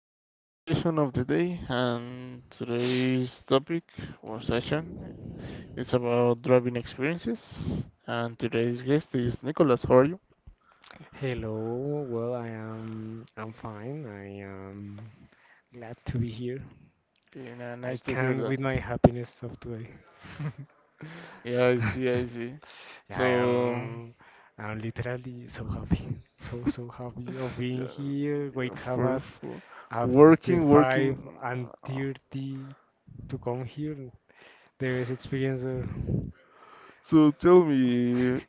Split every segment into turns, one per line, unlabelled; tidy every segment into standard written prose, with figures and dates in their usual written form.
fourth session of the day, and today's topic or session is about driving experiences. And today's guest is Nicholas. How are you?
Hello, well, I'm fine. I am glad to be here.
Okay,
I
nice to hear
can't with
that.
my happiness of today.
Yeah, I see, I see.
Yeah, I
So,
am I'm literally so happy. So happy of being
yeah,
here.
yeah,
Wake up
for,
at
for
after
working,
five
working.
and
uh,
thirty to come here. The best experience ever.
So tell me,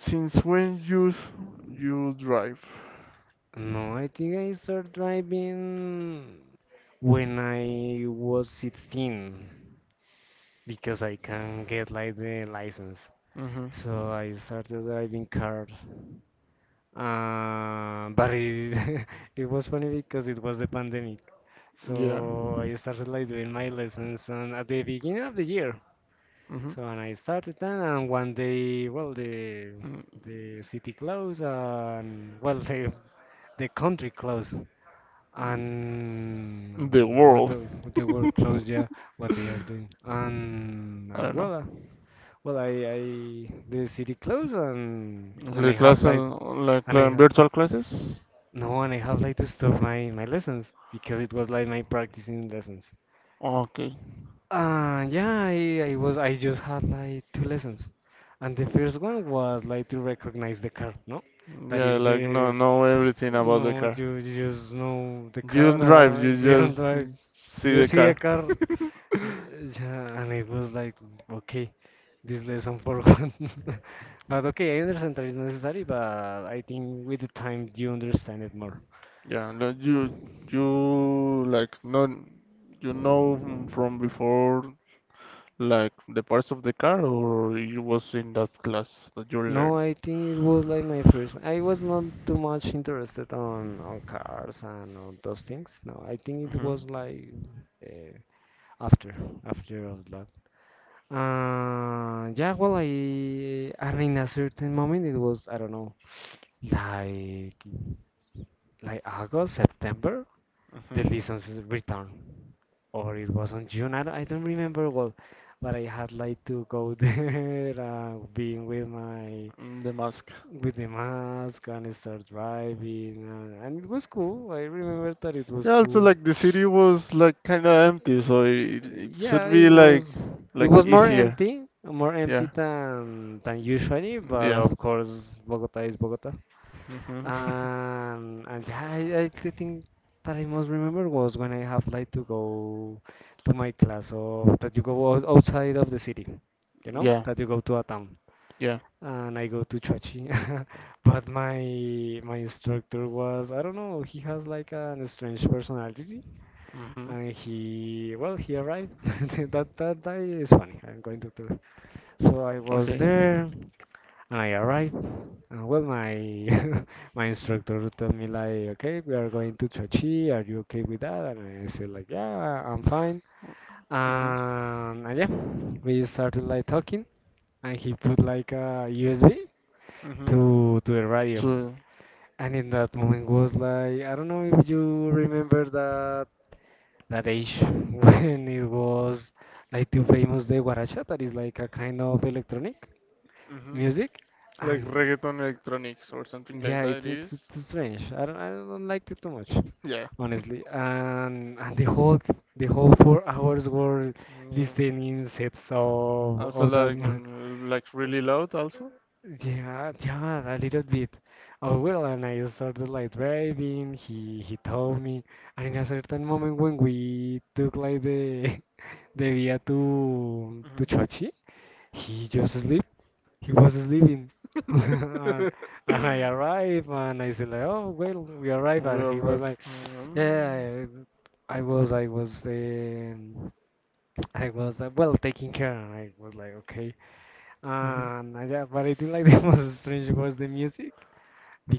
since when you drive?
No, I think I started driving when I was 16, because I can not get like the license.
Mm-hmm.
So I started driving cars, but it it was funny because it was the pandemic. So
Yeah.
I started like doing my lessons and at the beginning of the year.
Mm-hmm.
So and I started that, and one day, well, the
Mm,
the city closed and, well, the country closed
mm,
and
the
what the,
world.
what the world closed. Yeah, what they are doing, and
I
and
don't know.
well. Well, I the city closed, and I
The
have
class,
like
like
and I have
virtual classes.
no and I have like to stop my lessons because it was like my practicing lessons.
Okay.
Yeah, I just had like 2 lessons, and the first one was like to recognize the car, no? That
Yeah,
is
like no,
the.
know everything about the
No,
car.
you just know the
You
car.
don't drive. You
You don't
just
drive.
see
You
the
see a
car.
car. uh, yeah, and I was like, okay. This lesson for one. But okay, I understand that it's necessary, but I think with the time you understand it more.
Yeah, no, you like not you know from before, like the parts of the car, or you was in that class that you
No,
learn.
I think it was like my first. I was not too much interested on cars and on those things. No, I think it
Mm-hmm.
was like uh, after after of that. Yeah, well, I and in a certain moment it was, I don't know, like like August, September, the
Mm-hmm.
licenses return. Or it was on June. I don't remember well, but I had like to go there, being
The mask.
with the mask and start driving, and it was cool. I remember that it was
Yeah, also
cool.
like the city was like kind of empty, so it
Yeah,
should be
it
like
was it was
easier.
more empty
Yeah,
than usually, but
yeah.
of course Bogota is Bogota.
Hmm.
And yeah, I the thing that I most remember was when I have like to go to my class, or that you go outside of the city,
Yeah,
that you go to a town.
yeah.
And I go to Chachi, but my instructor was, I don't know, he has like an strange personality,
Hmm.
and he well he arrived that is funny. I'm going to tell you. So I was
Okay.
there. I arrived. Well, my my instructor told me like, okay, we are going to Chochi. Are you okay with that? And I said like, yeah, I'm fine.
Hmm.
And yeah, we started like talking, and he put like a USB
Hmm.
to the radio.
So,
And in that moment was like, I don't know if you remember that age when it was like too famous the guaracha, that is like a kind of electronic
hmm,
music,
like
and.
reggaeton electronics or something like
Yeah,
that. It
it's it's,
is.
it's strange. I don't like it too much,
Yeah.
honestly. And the whole 4 hours were
Mm.
listening sets of
Also
of that.
like really loud also.
Yeah, yeah, a little bit. Oh well, and I started like driving. He told me, and in a certain moment when we took like the the via to
Hmm.
to Chochi, he just sleep he was sleeping. and, and I arrived and I said like, oh well, we arrived,
We
and he was
arrive.
like, yeah, I was, I was, um, I was, well, taking care, and I was like, okay.
Mhm.
And yeah, but I think like the most strange was the music,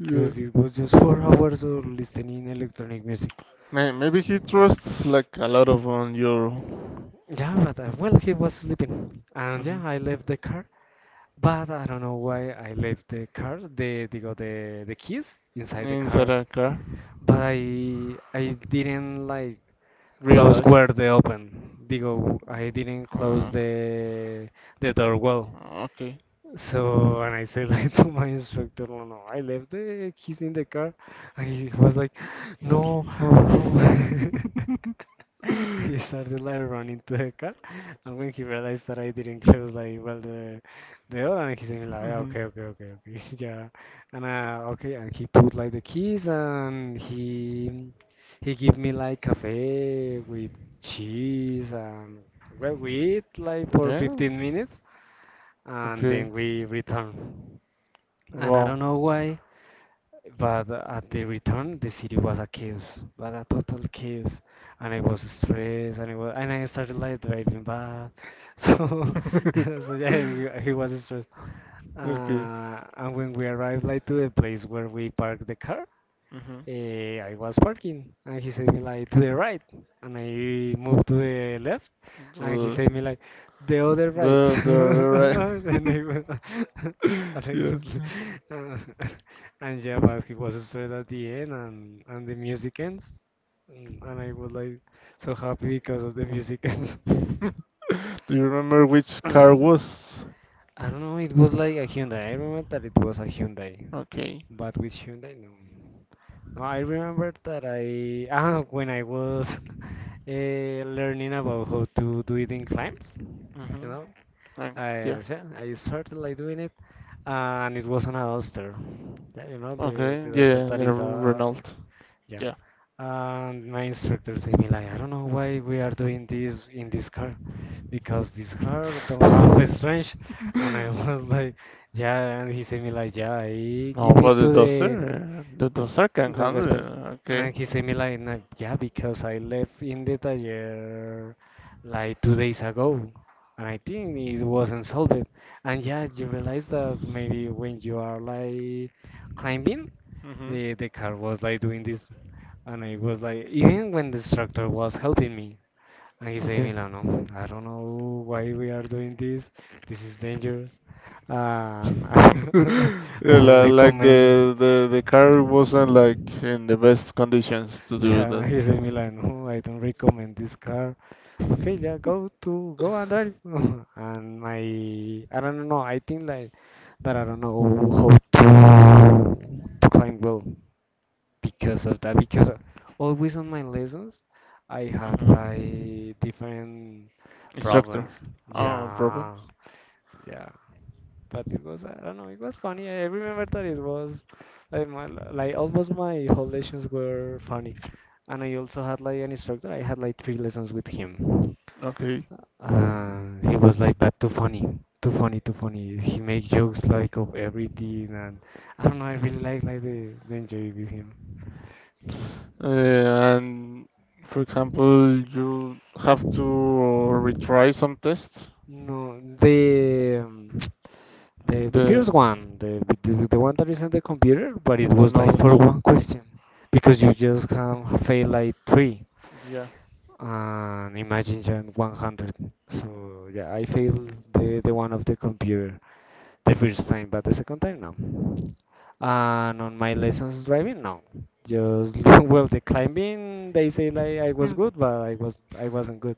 Yeah.
it was just 4 hours of listening electronic music.
Maybe he trusts like a lot of on your
Yeah, but well, he was sleeping, and yeah,
mhm,
I left the car. But I don't know why I left the car, the keys inside the
inside
car.
a car.
But I didn't like close
Realized.
where they open. Digo, I didn't close
Ah,
the door well.
okay.
So, and I said like to my instructor, no, no, I left the keys in the car. And he was like, no, no. He started like running to the car, and when he realized that I didn't close like well the door, and he's saying like, ah,
Mhm.
okay, okay, okay, okay, yeah, and okay, and he put like the keys, and he give me like cafe with cheese, and well, we eat like for
Yeah.
15 minutes, and
Okay.
then we return. And I
Wow.
don't know why, but at the return, the city was a chaos, but a total chaos. And I was stressed, and I started like driving bad. So, so yeah, he was stressed.
Okay.
And when we arrived like to the place where we parked the car,
Hmm.
I was parking, and he said me like to the right, and I moved to the left, and he said me like the other.
The
And
right.
I, went- And it
Yeah.
was, uh, and yeah, but he was straight at the end, and the music ends, and I was like so happy because of the music ends.
Do you remember which car was?
I don't know, it was like a Hyundai. I remember that it was a Hyundai,
Okay.
but with Hyundai, no. No, I remember that I when I was learning about how to do it in climbs, you
Hmm.
know,
Uh,
I
yeah.
yeah, I started like doing it, and it was on a duster. Yeah, you know the
Okay.
the duster,
Yeah,
that
the
is a.
Renault.
Yeah.
Yeah.
And my instructor said me like, I don't know why we are doing this in this car, because this car don't have a strange. And I was like, yeah. And he said me like, yeah, I
No,
give
but
it to the
The Duster can
the
handle it.
gospel.
Okay.
And he said me like, "Nah, yeah, because I left in the tire like 2 days ago. And I think it wasn't solved. And yeah, you realize that maybe when you are like climbing
Mm-hmm.
the car was like doing this, and I was like, even when the instructor was helping me, and he said,
Okay.
Milano, I don't know why we are doing this. This is dangerous. And I,
Yeah, like the car wasn't like in the best conditions to do
yeah,
that.
he said, Milano, I don't recommend this car. Okay, yeah, go and drive. and my I don't know, I think like that I don't know how to climb well, because of that, because always on my lessons I had
Mhm.
like different
Instructor.
problems.
Oh, problem.
Yeah, yeah. But it was, I don't know. It was funny. I remember that it was like my, like almost my whole lessons were funny, and I also had like an instructor. I had like 3 lessons with him.
Okay.
And he was like, but too funny, too funny, too funny. He make jokes like of everything, and I don't know. I really like the enjoy with him.
Uh, and for example, you have to retry some tests,
No, the first
then
one, the one that is in the computer, but it
the
was like for
knowledge.
one question, because you just can fail like three,
Yeah.
and imagine just 100. So yeah, I failed the one of the computer the first time, but the second time no. And on my lessons driving, no. Just well, the climbing they say like I was good, but I wasn't good.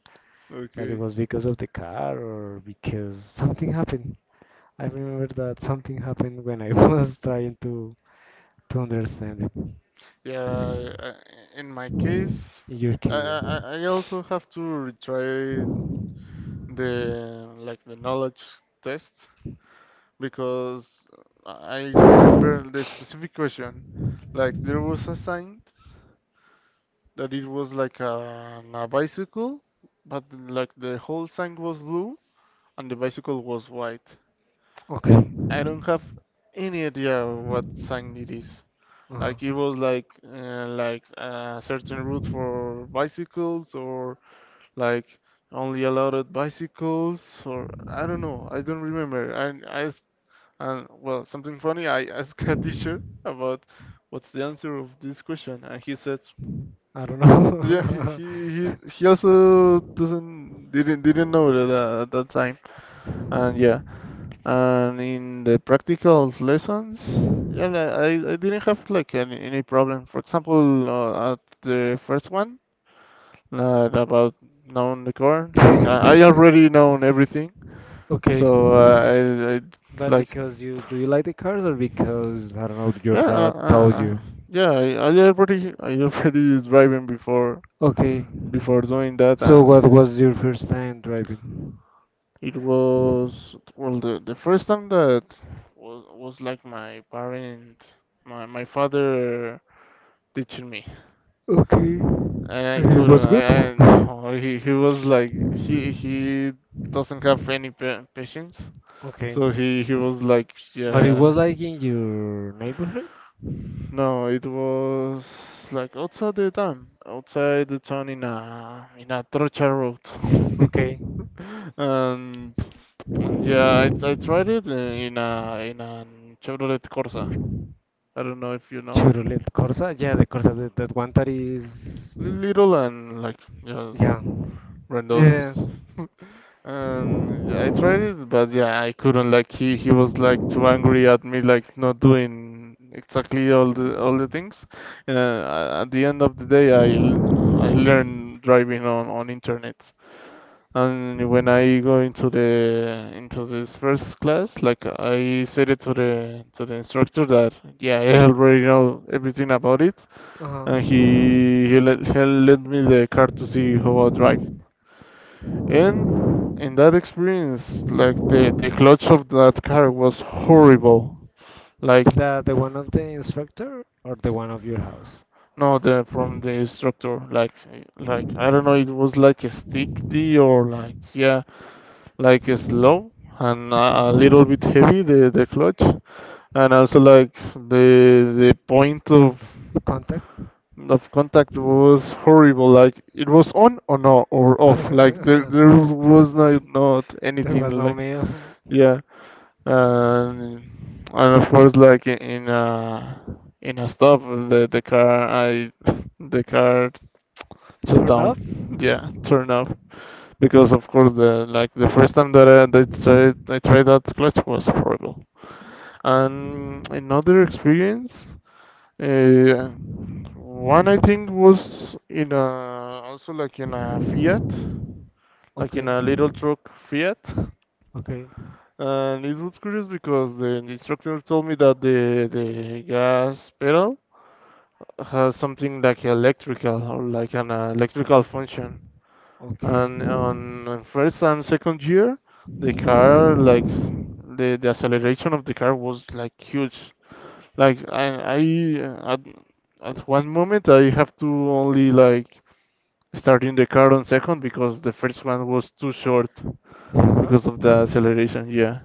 But it
Okay.
was because of the car or because something happened. I remember that something happened when I was trying to understand it. In
Yeah, in my case,
your case, yeah.
I also have to retry the like the knowledge test, because I remember the specific question. Like there was a sign that it was like a bicycle, but like the whole sign was blue and the bicycle was white,
Okay.
and I don't have any idea what sign it is. Like it was like a certain route for bicycles, or like only allowed bicycles, or I don't know. I don't remember. And well, something funny. I asked a teacher about what's the answer of this question, and he said,
I don't
yeah, he
know.
he he, he also doesn't didn't know that at that time. And yeah, and in the practical lessons, yeah, like, I didn't have like any problem. For example, at the first one, about knowing the core, like I already known everything,
Okay,
so I
but
like
because you do you like the cars, or because, I don't know, your
yeah,
dad told you?
yeah, I already driving before
Okay.
before doing that,
So
and
what
yeah.
was your first time driving?
It was well the first time that was like my parent, my father teaching me,
Okay.
and I couldn't.
Good.
I no, he was like he doesn't have any patience,
Okay.
so he was like
But it
yeah.
was like in your neighborhood?
No, it was like outside the town in a trocha road,
Okay.
and And yeah, I tried it in a Chevrolet Corsa. I don't know if you know.
Chevrolet Corsa? Yeah, the Corsa, that one that is.
Little and like yeah,
Yeah. Yeah. Yeah.
redondos. And yeah, I tried it, but yeah, I couldn't. Like he was like too angry at me, like not doing exactly all the things. And at the end of the day, I learned driving on internet. And when I go into the into this first class, like I said it to the instructor that yeah, I already know everything about it,
Uh-huh.
and he lent me the car to see how I drive. And in that experience, like the clutch of that car was horrible. Like
The one of the instructor or the one of your house?
no, the from the instructor, like I don't know, it was like a stick D or like yeah, like slow, and a little bit heavy the clutch, and also like the point
The Contact?
of contact was horrible, like it was on or no or off, like there was not not
There
anything
was no
like
mail.
yeah. and and of course like in a stop the car I the car shut
Turn
down,
up?
yeah, turn off, because of course the like the first time that I tried that clutch was horrible. And another experience, uh, one I think was in a also like in a Fiat, like in
Okay,
a little truck Fiat.
okay,
And it was curious because the instructor told me that the gas pedal has something like electrical, or like an electrical function.
okay.
And on first and second year the car like the acceleration of the car was like huge, like I at one moment I have to only like start in the car on second, because the first one was too short because of the acceleration, yeah,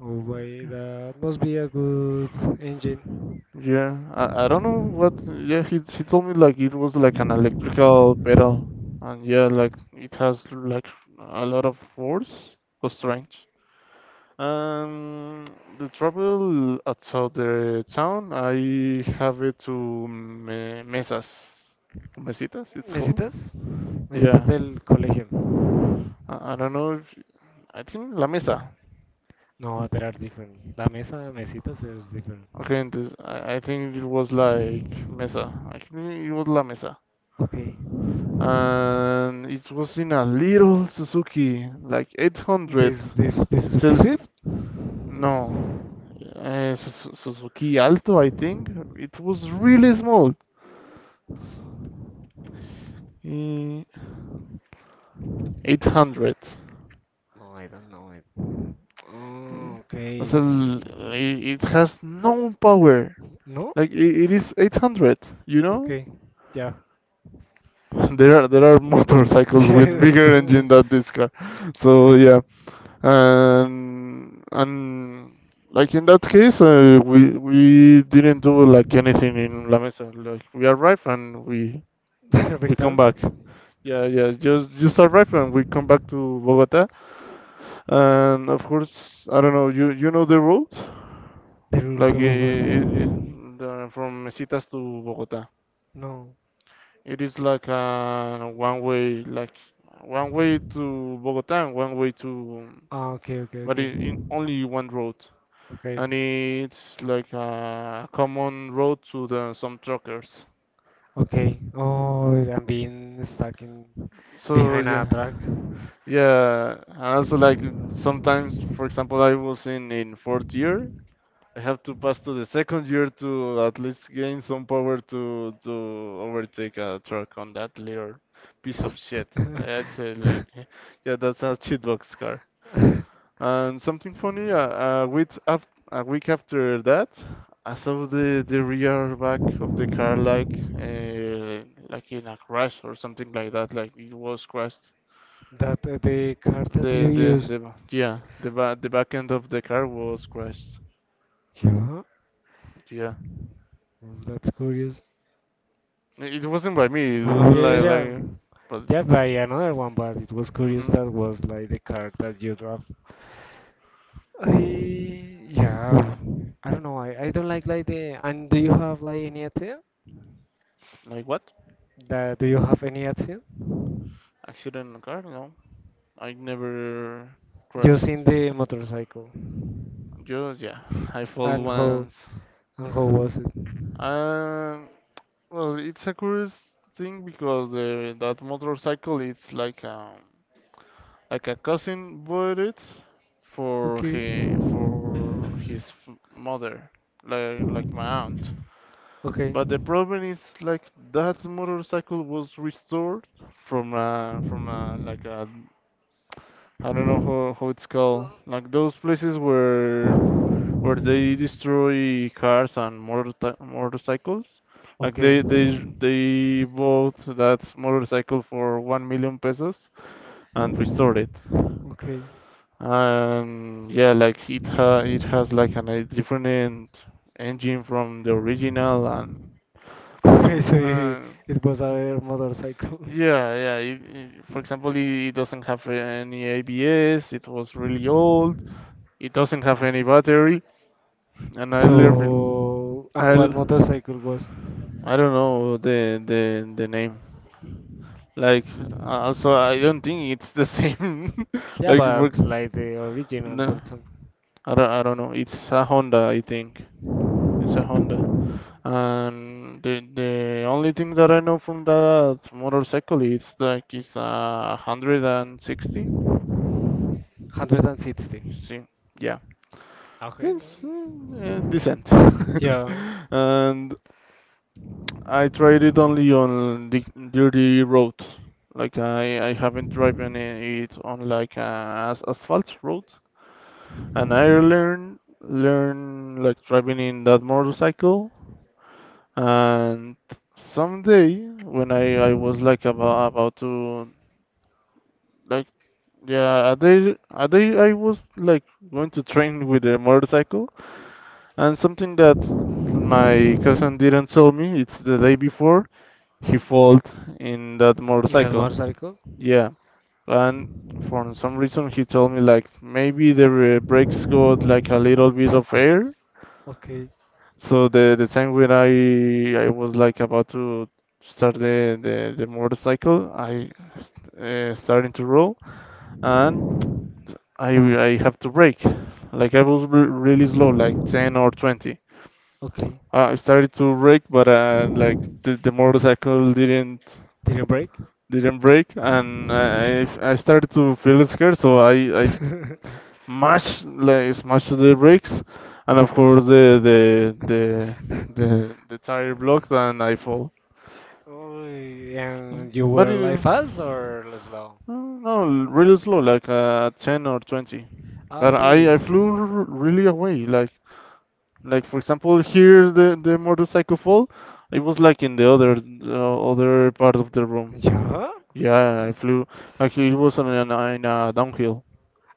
Oh boy, that must be a good engine.
yeah. I don't know what, yeah, he told me like it was like an electrical pedal, and yeah, like it has like a lot of force, was strange. Um, the travel outside the town, I have it to me mesas, mesitas, it's called.
Mesitas?
Yeah,
Mesitas del colegio.
I don't know if I think la mesa.
No, there are different. La mesa, mesitas is different.
Okay, entonces, I think it was like mesa. I think it was la mesa,
Okay.
and it was in a little Suzuki, like 800.
This Suzuki
Cel
Swift?
no, Suzuki Alto, I think. It was really small. Eh, 800.
No, I don't know it.
Yeah.
Oh,
So
okay.
it has no power.
No?
Like I it is 800, you know?
Okay, yeah.
There are motorcycles with
Restart.
bigger engine than this car. So yeah, and like in that case, we didn't do like anything in La Mesa. Like we arrive and we come back. Yeah, yeah, just arrive and we come back to Bogota. And of course, I don't know. You know the route?
The rules
Like
of what?
I from Mesitas to Bogota.
No.
It is like a one way, like one way to Bogota and one way to,
Ah, okay,
but
okay,
in only one road. And it's like a common road to the some truckers.
okay. Oh, I'm being stuck in
So
behind a
yeah,
truck.
yeah. And also like sometimes, for example, I was in fourth year, I have to pass to the second year to at least gain some power to overtake a truck on that little piece of shit. I- I'd say like, yeah, that's a cheatbox car. And something funny, a week after that, I saw the rear back of the car like in a crash or something like that, like it was crashed.
That the card that you use.
The yeah, the back end of the car was crashed.
Yeah. Oh,
Yeah.
that's curious.
It wasn't by me. It was
Oh, yeah, yeah, yeah.
like, but
Yeah, by another one, but it was curious
hmm,
that was like the card that you draw. I yeah. I don't know. I don't like the. And do you have like any idea?
like what?
That, do you have any accident?
Accident in a car? No, I never
Just
crashed.
in the motorcycle.
Just yeah, I fall
And how
once.
and how was it?
Um, well, it's a curious thing because the that motorcycle it's like a cousin bought it for he for his mother, like my aunt.
Okay,
But the problem is like that motorcycle was restored from like a, I don't know how it's called, like those places where they destroy cars and motor motorcycles, like
okay,
they bought that motorcycle for 1 million pesos and restored it.
okay.
And yeah, like it ha it has like an, a different engine from the original, and
Okay,
um,
so
uh,
it was a motorcycle.
yeah, yeah. It, for example, it doesn't have any ABS. It was really old. It doesn't have any battery. And I learned,
So,
I'll,
and what motorcycle was?
I do not know the name. Like, so I don't think it's the same.
Yeah,
Like,
but like the original, for
no,
example,
I don't know. It's a Honda, I think. It's a Honda. And the only thing that I know from that motorcycle is like it's 160.
160.
See, yeah.
Okay.
Yes, mm,
No.
decent.
Yeah,
And I tried it only on the dirty road. Like I haven't driven it on like a as asphalt road. And I learn learn like driving in that motorcycle. And someday when I was like about to like yeah, a day I was like going to train with a motorcycle. And something that my cousin didn't tell me, it's the day before he fell in that
in that
motorcycle.
motorcycle.
Yeah. And for some reason he told me like maybe the brakes got like a little bit of air.
Okay,
So the time when I was like about to start the motorcycle, I starting to roll, and I I have to brake. Like I was re really slow, like 10 or 20.
okay.
I started to brake, but like the motorcycle didn't
Did you break?
didn't brake, and I started to feel scared, so I mashed, like, smashed the brakes, and of course the tire blocked, and I fall.
Oh, and you
But
were
it,
like fast or slow?
no, really slow, like 10 or 20.
Ah,
But I
okay.
I flew really away, like for example here the motorcycle fall, it was like in the other other part of the room.
¿Yo?
Yeah, I flew. Actually, it was on an in a downhill,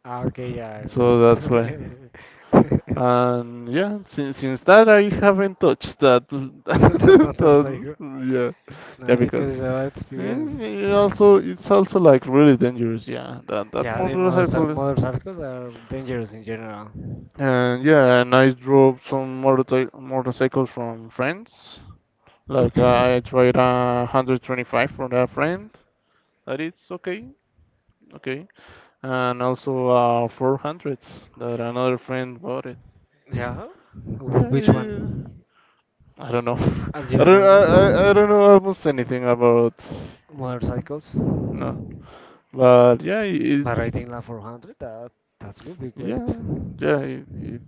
Ah, okay, yeah, I
so that's why.
understand.
And yeah, since that I haven't touched that.
Not motorcycle.
Yeah, yeah,
No,
because
because I have
it's
experience.
it also it's also like really dangerous. Yeah, that
Yeah, the motorcycle
motorcycle.
motorcycles are dangerous in general.
And yeah, and I drove some motorcycles from friends. Like
Okay.
I tried a 125 from a friend. That it's okay, okay. And also 400s that another friend bought it.
Yeah?
Yeah,
Which
it,
one?
I don't know.
As you know
I
them.
don't know almost anything about.
Motorcycles.
No, but yeah, it.
But I think La 400, that would be great.
yeah yeah,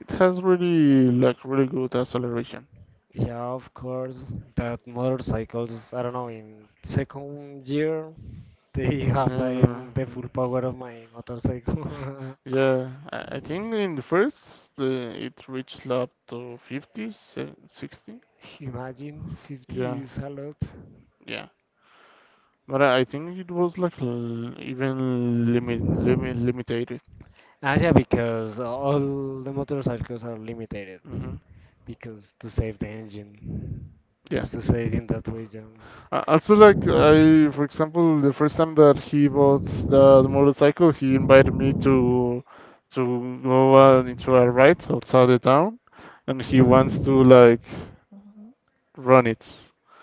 it has really like really good acceleration.
Yeah, of course. That motorcycles, I don't know, in second year, they have like
Uh,
the full power of my motorcycle.
yeah, I think in the first it reached up to 50, 60.
Imagine 50
Yeah,
is a lot.
yeah. But I think it was like, even limit, limited.
Ah, yeah, because all the motorcycles are limited.
Hmm.
Because to save the engine.
Yeah.
Just to say it in that way, John.
Also, like for example, the first time that he bought the motorcycle, he invited me to go into a ride outside the town, and he wants to like run it.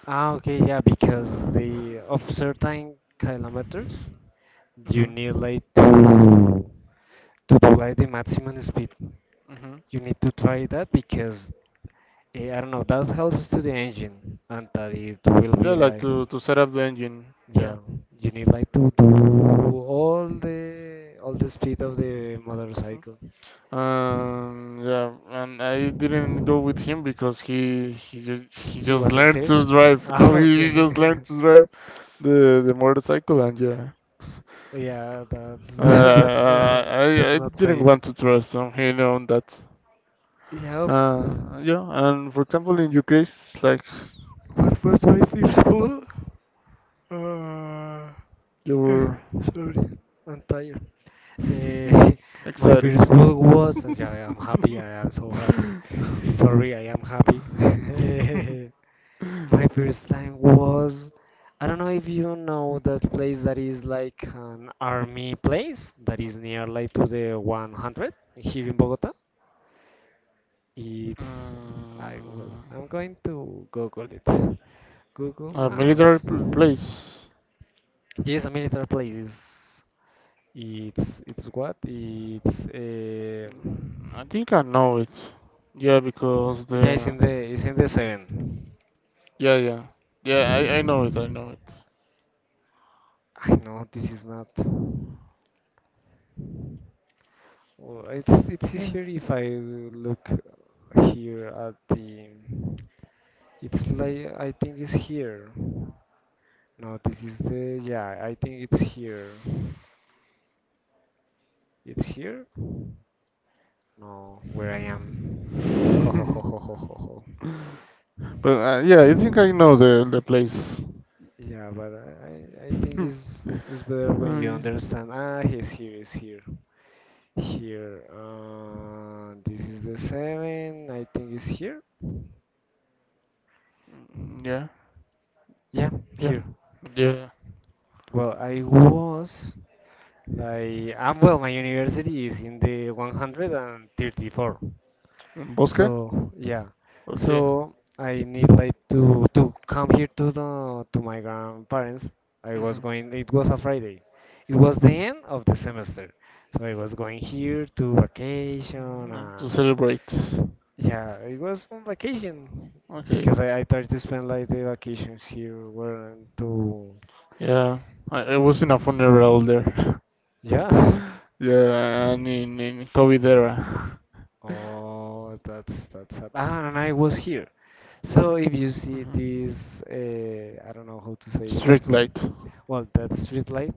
Ah, okay, yeah, because they of certain kilometers, you need
Hmm.
like to do like the maximum speed.
Hmm.
You need to try that because I don't know, that helps to the engine and that it will
Yeah,
be
like
like
to set up the engine.
yeah,
Yeah.
you need like to do all the speed of the motorcycle.
Yeah. And I didn't go with him because he
It
just
was
learned to drive. Now
ah,
he
okay.
just learned to drive the motorcycle, and yeah.
Yeah, that's
Uh,
that's not that's
I
not
didn't
safe.
want to trust him, you know, on that.
Yeah,
Yeah, and for example, in your case, like,
what was my first one? Uh,
you
eh,
were
Sorry, I'm tired. Eh, my
excited.
first one was yeah, I'm happy. I am so happy. Sorry, I am happy. My first time was I don't know if you know that place that is like an army place that is near like to the 100 here in Bogota. It's
Uh,
I'm going to Google it. Google
a military
Maps.
place.
Yes, a military place. It's what? It's
I think I know it. Yeah, because
Yeah,
the.
it's in the seven.
yeah yeah yeah, I know it, I know it.
I know this is not. Well, it's
Yeah.
easier if I look here at the. It's like I think it's here. No, this is the yeah. I think it's here. It's here. No, where I am. Ho ho ho ho ho ho. Ho.
But yeah, I think I know the place.
Yeah, but I think
I
it's better when you
mean,
understand. Ah, he's here. He's here. Here. This is the seven. I think it's here.
mm, yeah.
Yeah,
Yeah.
here.
Yeah.
Well, I was. Like, well, my university is in the 134.
Bosque?
So yeah,
Okay.
so I need like to come here to the to my grandparents. I was
Hmm.
going. It was a Friday. It was the end of the semester, so I was going here to vacation
Like
and
to celebrate.
yeah, it was on vacation
Okay.
because I tried to spend like the vacations here were to
Yeah. I was in a funeral there.
yeah.
Yeah, and in COVID era.
Oh, that's sad. Ah, and I was here. So if you see
Hmm.
this, I don't know how to say this.
Street light.
Well, that street light.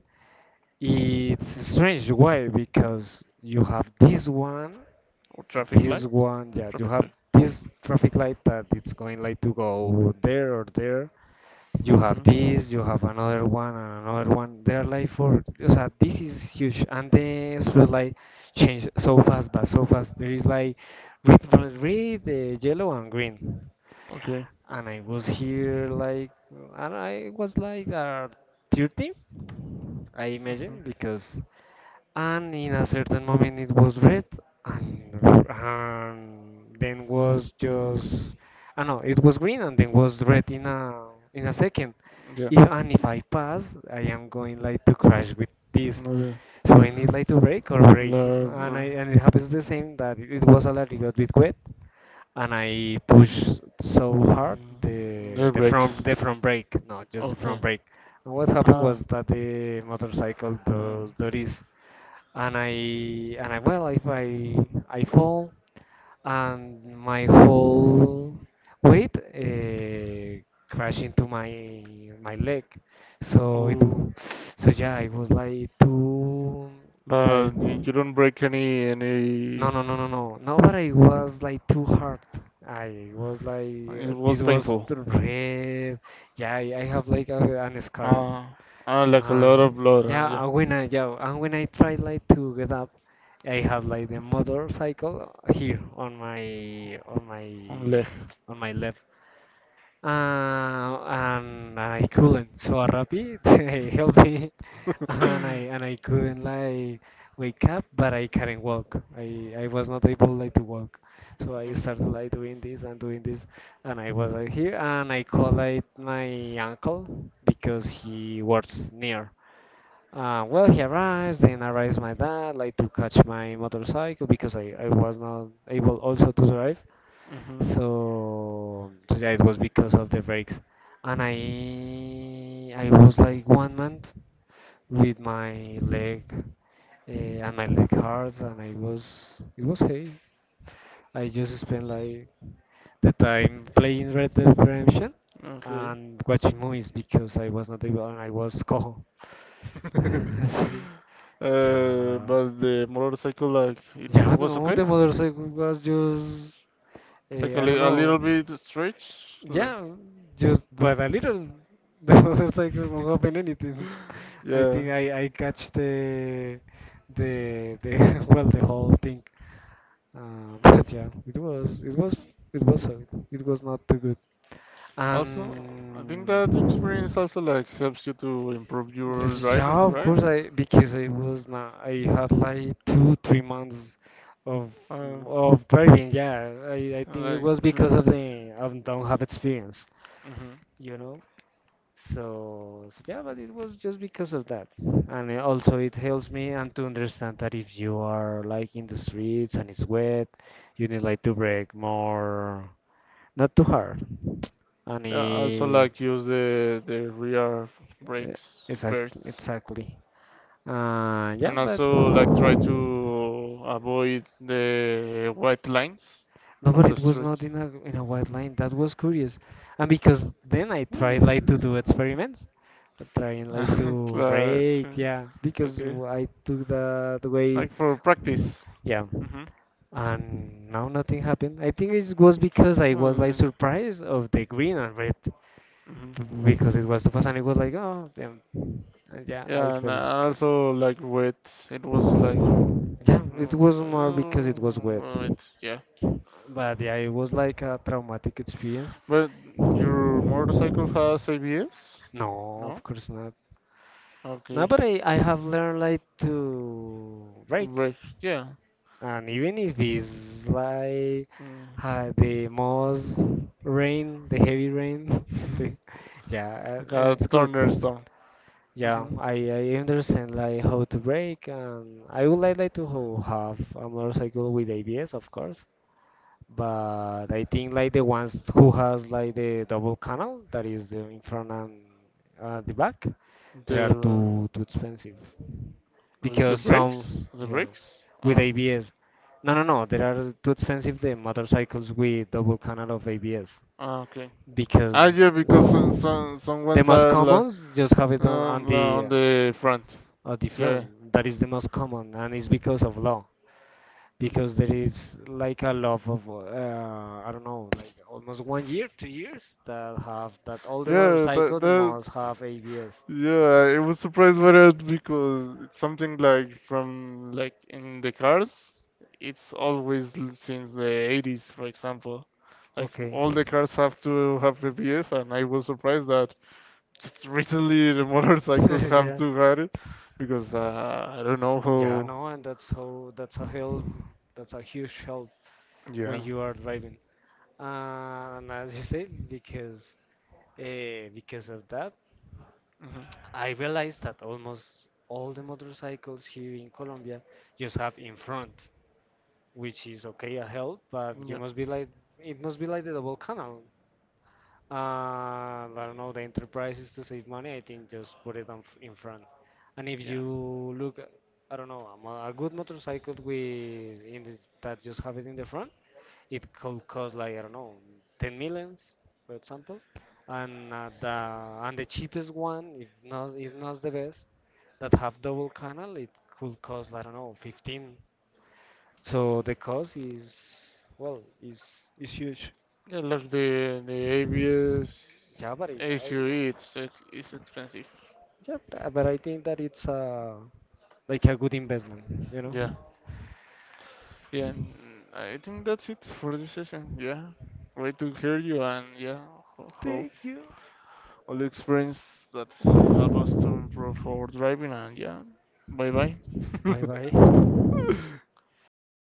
It's strange why because you have this one,
Or traffic
this
light?
one. Yeah, you
Traffic
have
light.
this traffic light that it's going like to go there or there. You have
Hmm.
this. You have another one and another one. They're like for. So this is huge, and the street light change so fast, but so fast. There is like red, red, yellow, and green
Okay.
and I was here like and I was like 30 I
Hmm.
imagine because and in a certain moment it was red and then was just I know it was green and then was red in a second
Yeah.
if, and if I pass I am going like to crash with this
Okay.
so I need like to brake or brake and I
La-
and it happens the same that it was a little bit wet and I push so hard
Mm,
the
the
the
breaks.
front the front brake, no, just the front
Okay.
brake. And what happened was
Ah.
that the motorcycle
Um,
does duties, and I and I well, if I I fall and my whole weight crash into my leg, so it
oh.
so yeah, it was like two by
But you don't break any,
no,
any.
no, no, no, no. No, but I was like too hard. I was like,
It was
this was
painful.
the red. Yeah, I have like a, an scarf.
Ah. Ah, like a lot of blood.
Yeah,
Yeah.
when I yeah, and when I tried like to get up, I have like the motorcycle here on my on
On
my
leg.
on my left. And I couldn't. So a rapid helped me and I couldn't like wake up, but I couldn't walk. I was not able like to walk, so I started like doing this, and I was like here, and I called like my uncle because he works near. Well, he arrives, then arrives my dad, like to catch my motorcycle because I was not able also to drive.
Mhm.
So, so yeah, it was because of the brakes. And I was like 1 month with my leg and I leg hurts and I was it was hey. I just spent like the time playing Red Dead Redemption
Okay.
and watching movies because I was not able and I was cojo. Sí.
But the motorcycle, like, it
Yeah,
was
no,
okay.
the motorcycle was just
Like a,
I
li
don't
a
know.
little bit stretch. Like.
Yeah, just but a little. The motorcycle won't happen anything. I
Yeah.
think I catch the well the whole thing. Uh, but yeah, it was it was it was hard. It was not too good.
Also, I think
And
that experience also like helps you to improve your
yeah,
driving,
of
right?
course I because I was not I had like 2 3 months of
Uh,
of driving. Yeah, I think it
like.
was
dr-
because of the I don't have experience,
Mhm.
you know. So, so yeah, but it was just because of that. And also it helps me and to understand that if you are like in the streets and it's wet, you need like to break more not too hard. And
Yeah, also
eh,
like use the rear
eh,
brakes
Exact,
first,
exactly. Yeah,
and also like try to avoid the white lines
no, but
on the
it was
street.
not in a in a white line. That was curious, and because then I
Oh,
tried
yeah.
like to do experiments, trying like to
Right, right.
break. Yeah, because
Okay.
I took the way.
Like for practice.
Yeah,
Hmm.
and now nothing happened. I think it was because I was
Oh,
like
yeah.
surprised of the green and red,
Hmm.
because it was the first, and it was like oh, damn. And yeah, I
Yeah, and I also like wet. It was like
felt yeah, it was more because
uh,
it was wet.
wet. Yeah.
But yeah, it was like a traumatic experience.
But your motorcycle has ABS?
No, of
No?
course not. No,
Okay.
but I have learned like to break.
Brake. Yeah.
And even if it's like
Mm.
the most rain, the heavy rain, the, yeah,
Like a thunderstorm.
yeah,
Hmm.
I understand like how to break. And I would like have a motorcycle with ABS, of course. But I think like the ones who has like the double canal, that is the in front and the back. They are
The
too expensive
like the
because
brakes?
some
The
yeah
brakes?
with
Ah,
ABS. No, no, no. They are too expensive. The motorcycles with double canal of ABS
ah, okay. Ah,
because
yeah, because some some ones are
commons just have it
like on the front.
on the
Yeah.
front. That is the most common, and it's because of law. Because
Hmm.
there is like a lot of I don't know, like almost 1 year, 2 years that have that all the
Yeah, that
motorcycles
that.
must have ABS.
Yeah, I was surprised by that because it's something like from like in the cars. It's always, since the 80s, for example. Like
Okay.
all the cars have to have ABS, and I was surprised that just recently the motorcycles have too had it because I don't know
Yeah,
who.
no, and that's how that's a help. That's a huge help
Yeah.
when you are driving. And as you said, because of that,
Mhm.
I realized that almost all the motorcycles here in Colombia just have in front, which is okay, a help, but you
Yeah.
must be like it must be like the double canal. And I don't know, the enterprises to save money, I think just put it on in front. And if
Yeah.
you look, I don't know, a good motorcycle with in the, that just have it in the front. It could cost like I don't know, 10 millions, for example, and the cheapest one, if not the best, that have double canal, it could cost I don't know 15. So the cost is well is huge.
Yeah, like the ABS,
Yeah, but
ACE, it's it's expensive.
yeah, but I think that it's like a good investment, you know.
Yeah. Yeah, and I think that's it for this session. Yeah. Great to hear you, and yeah, ho hope all the experience that help us to improve our driving. And yeah, bye bye.
Bye bye.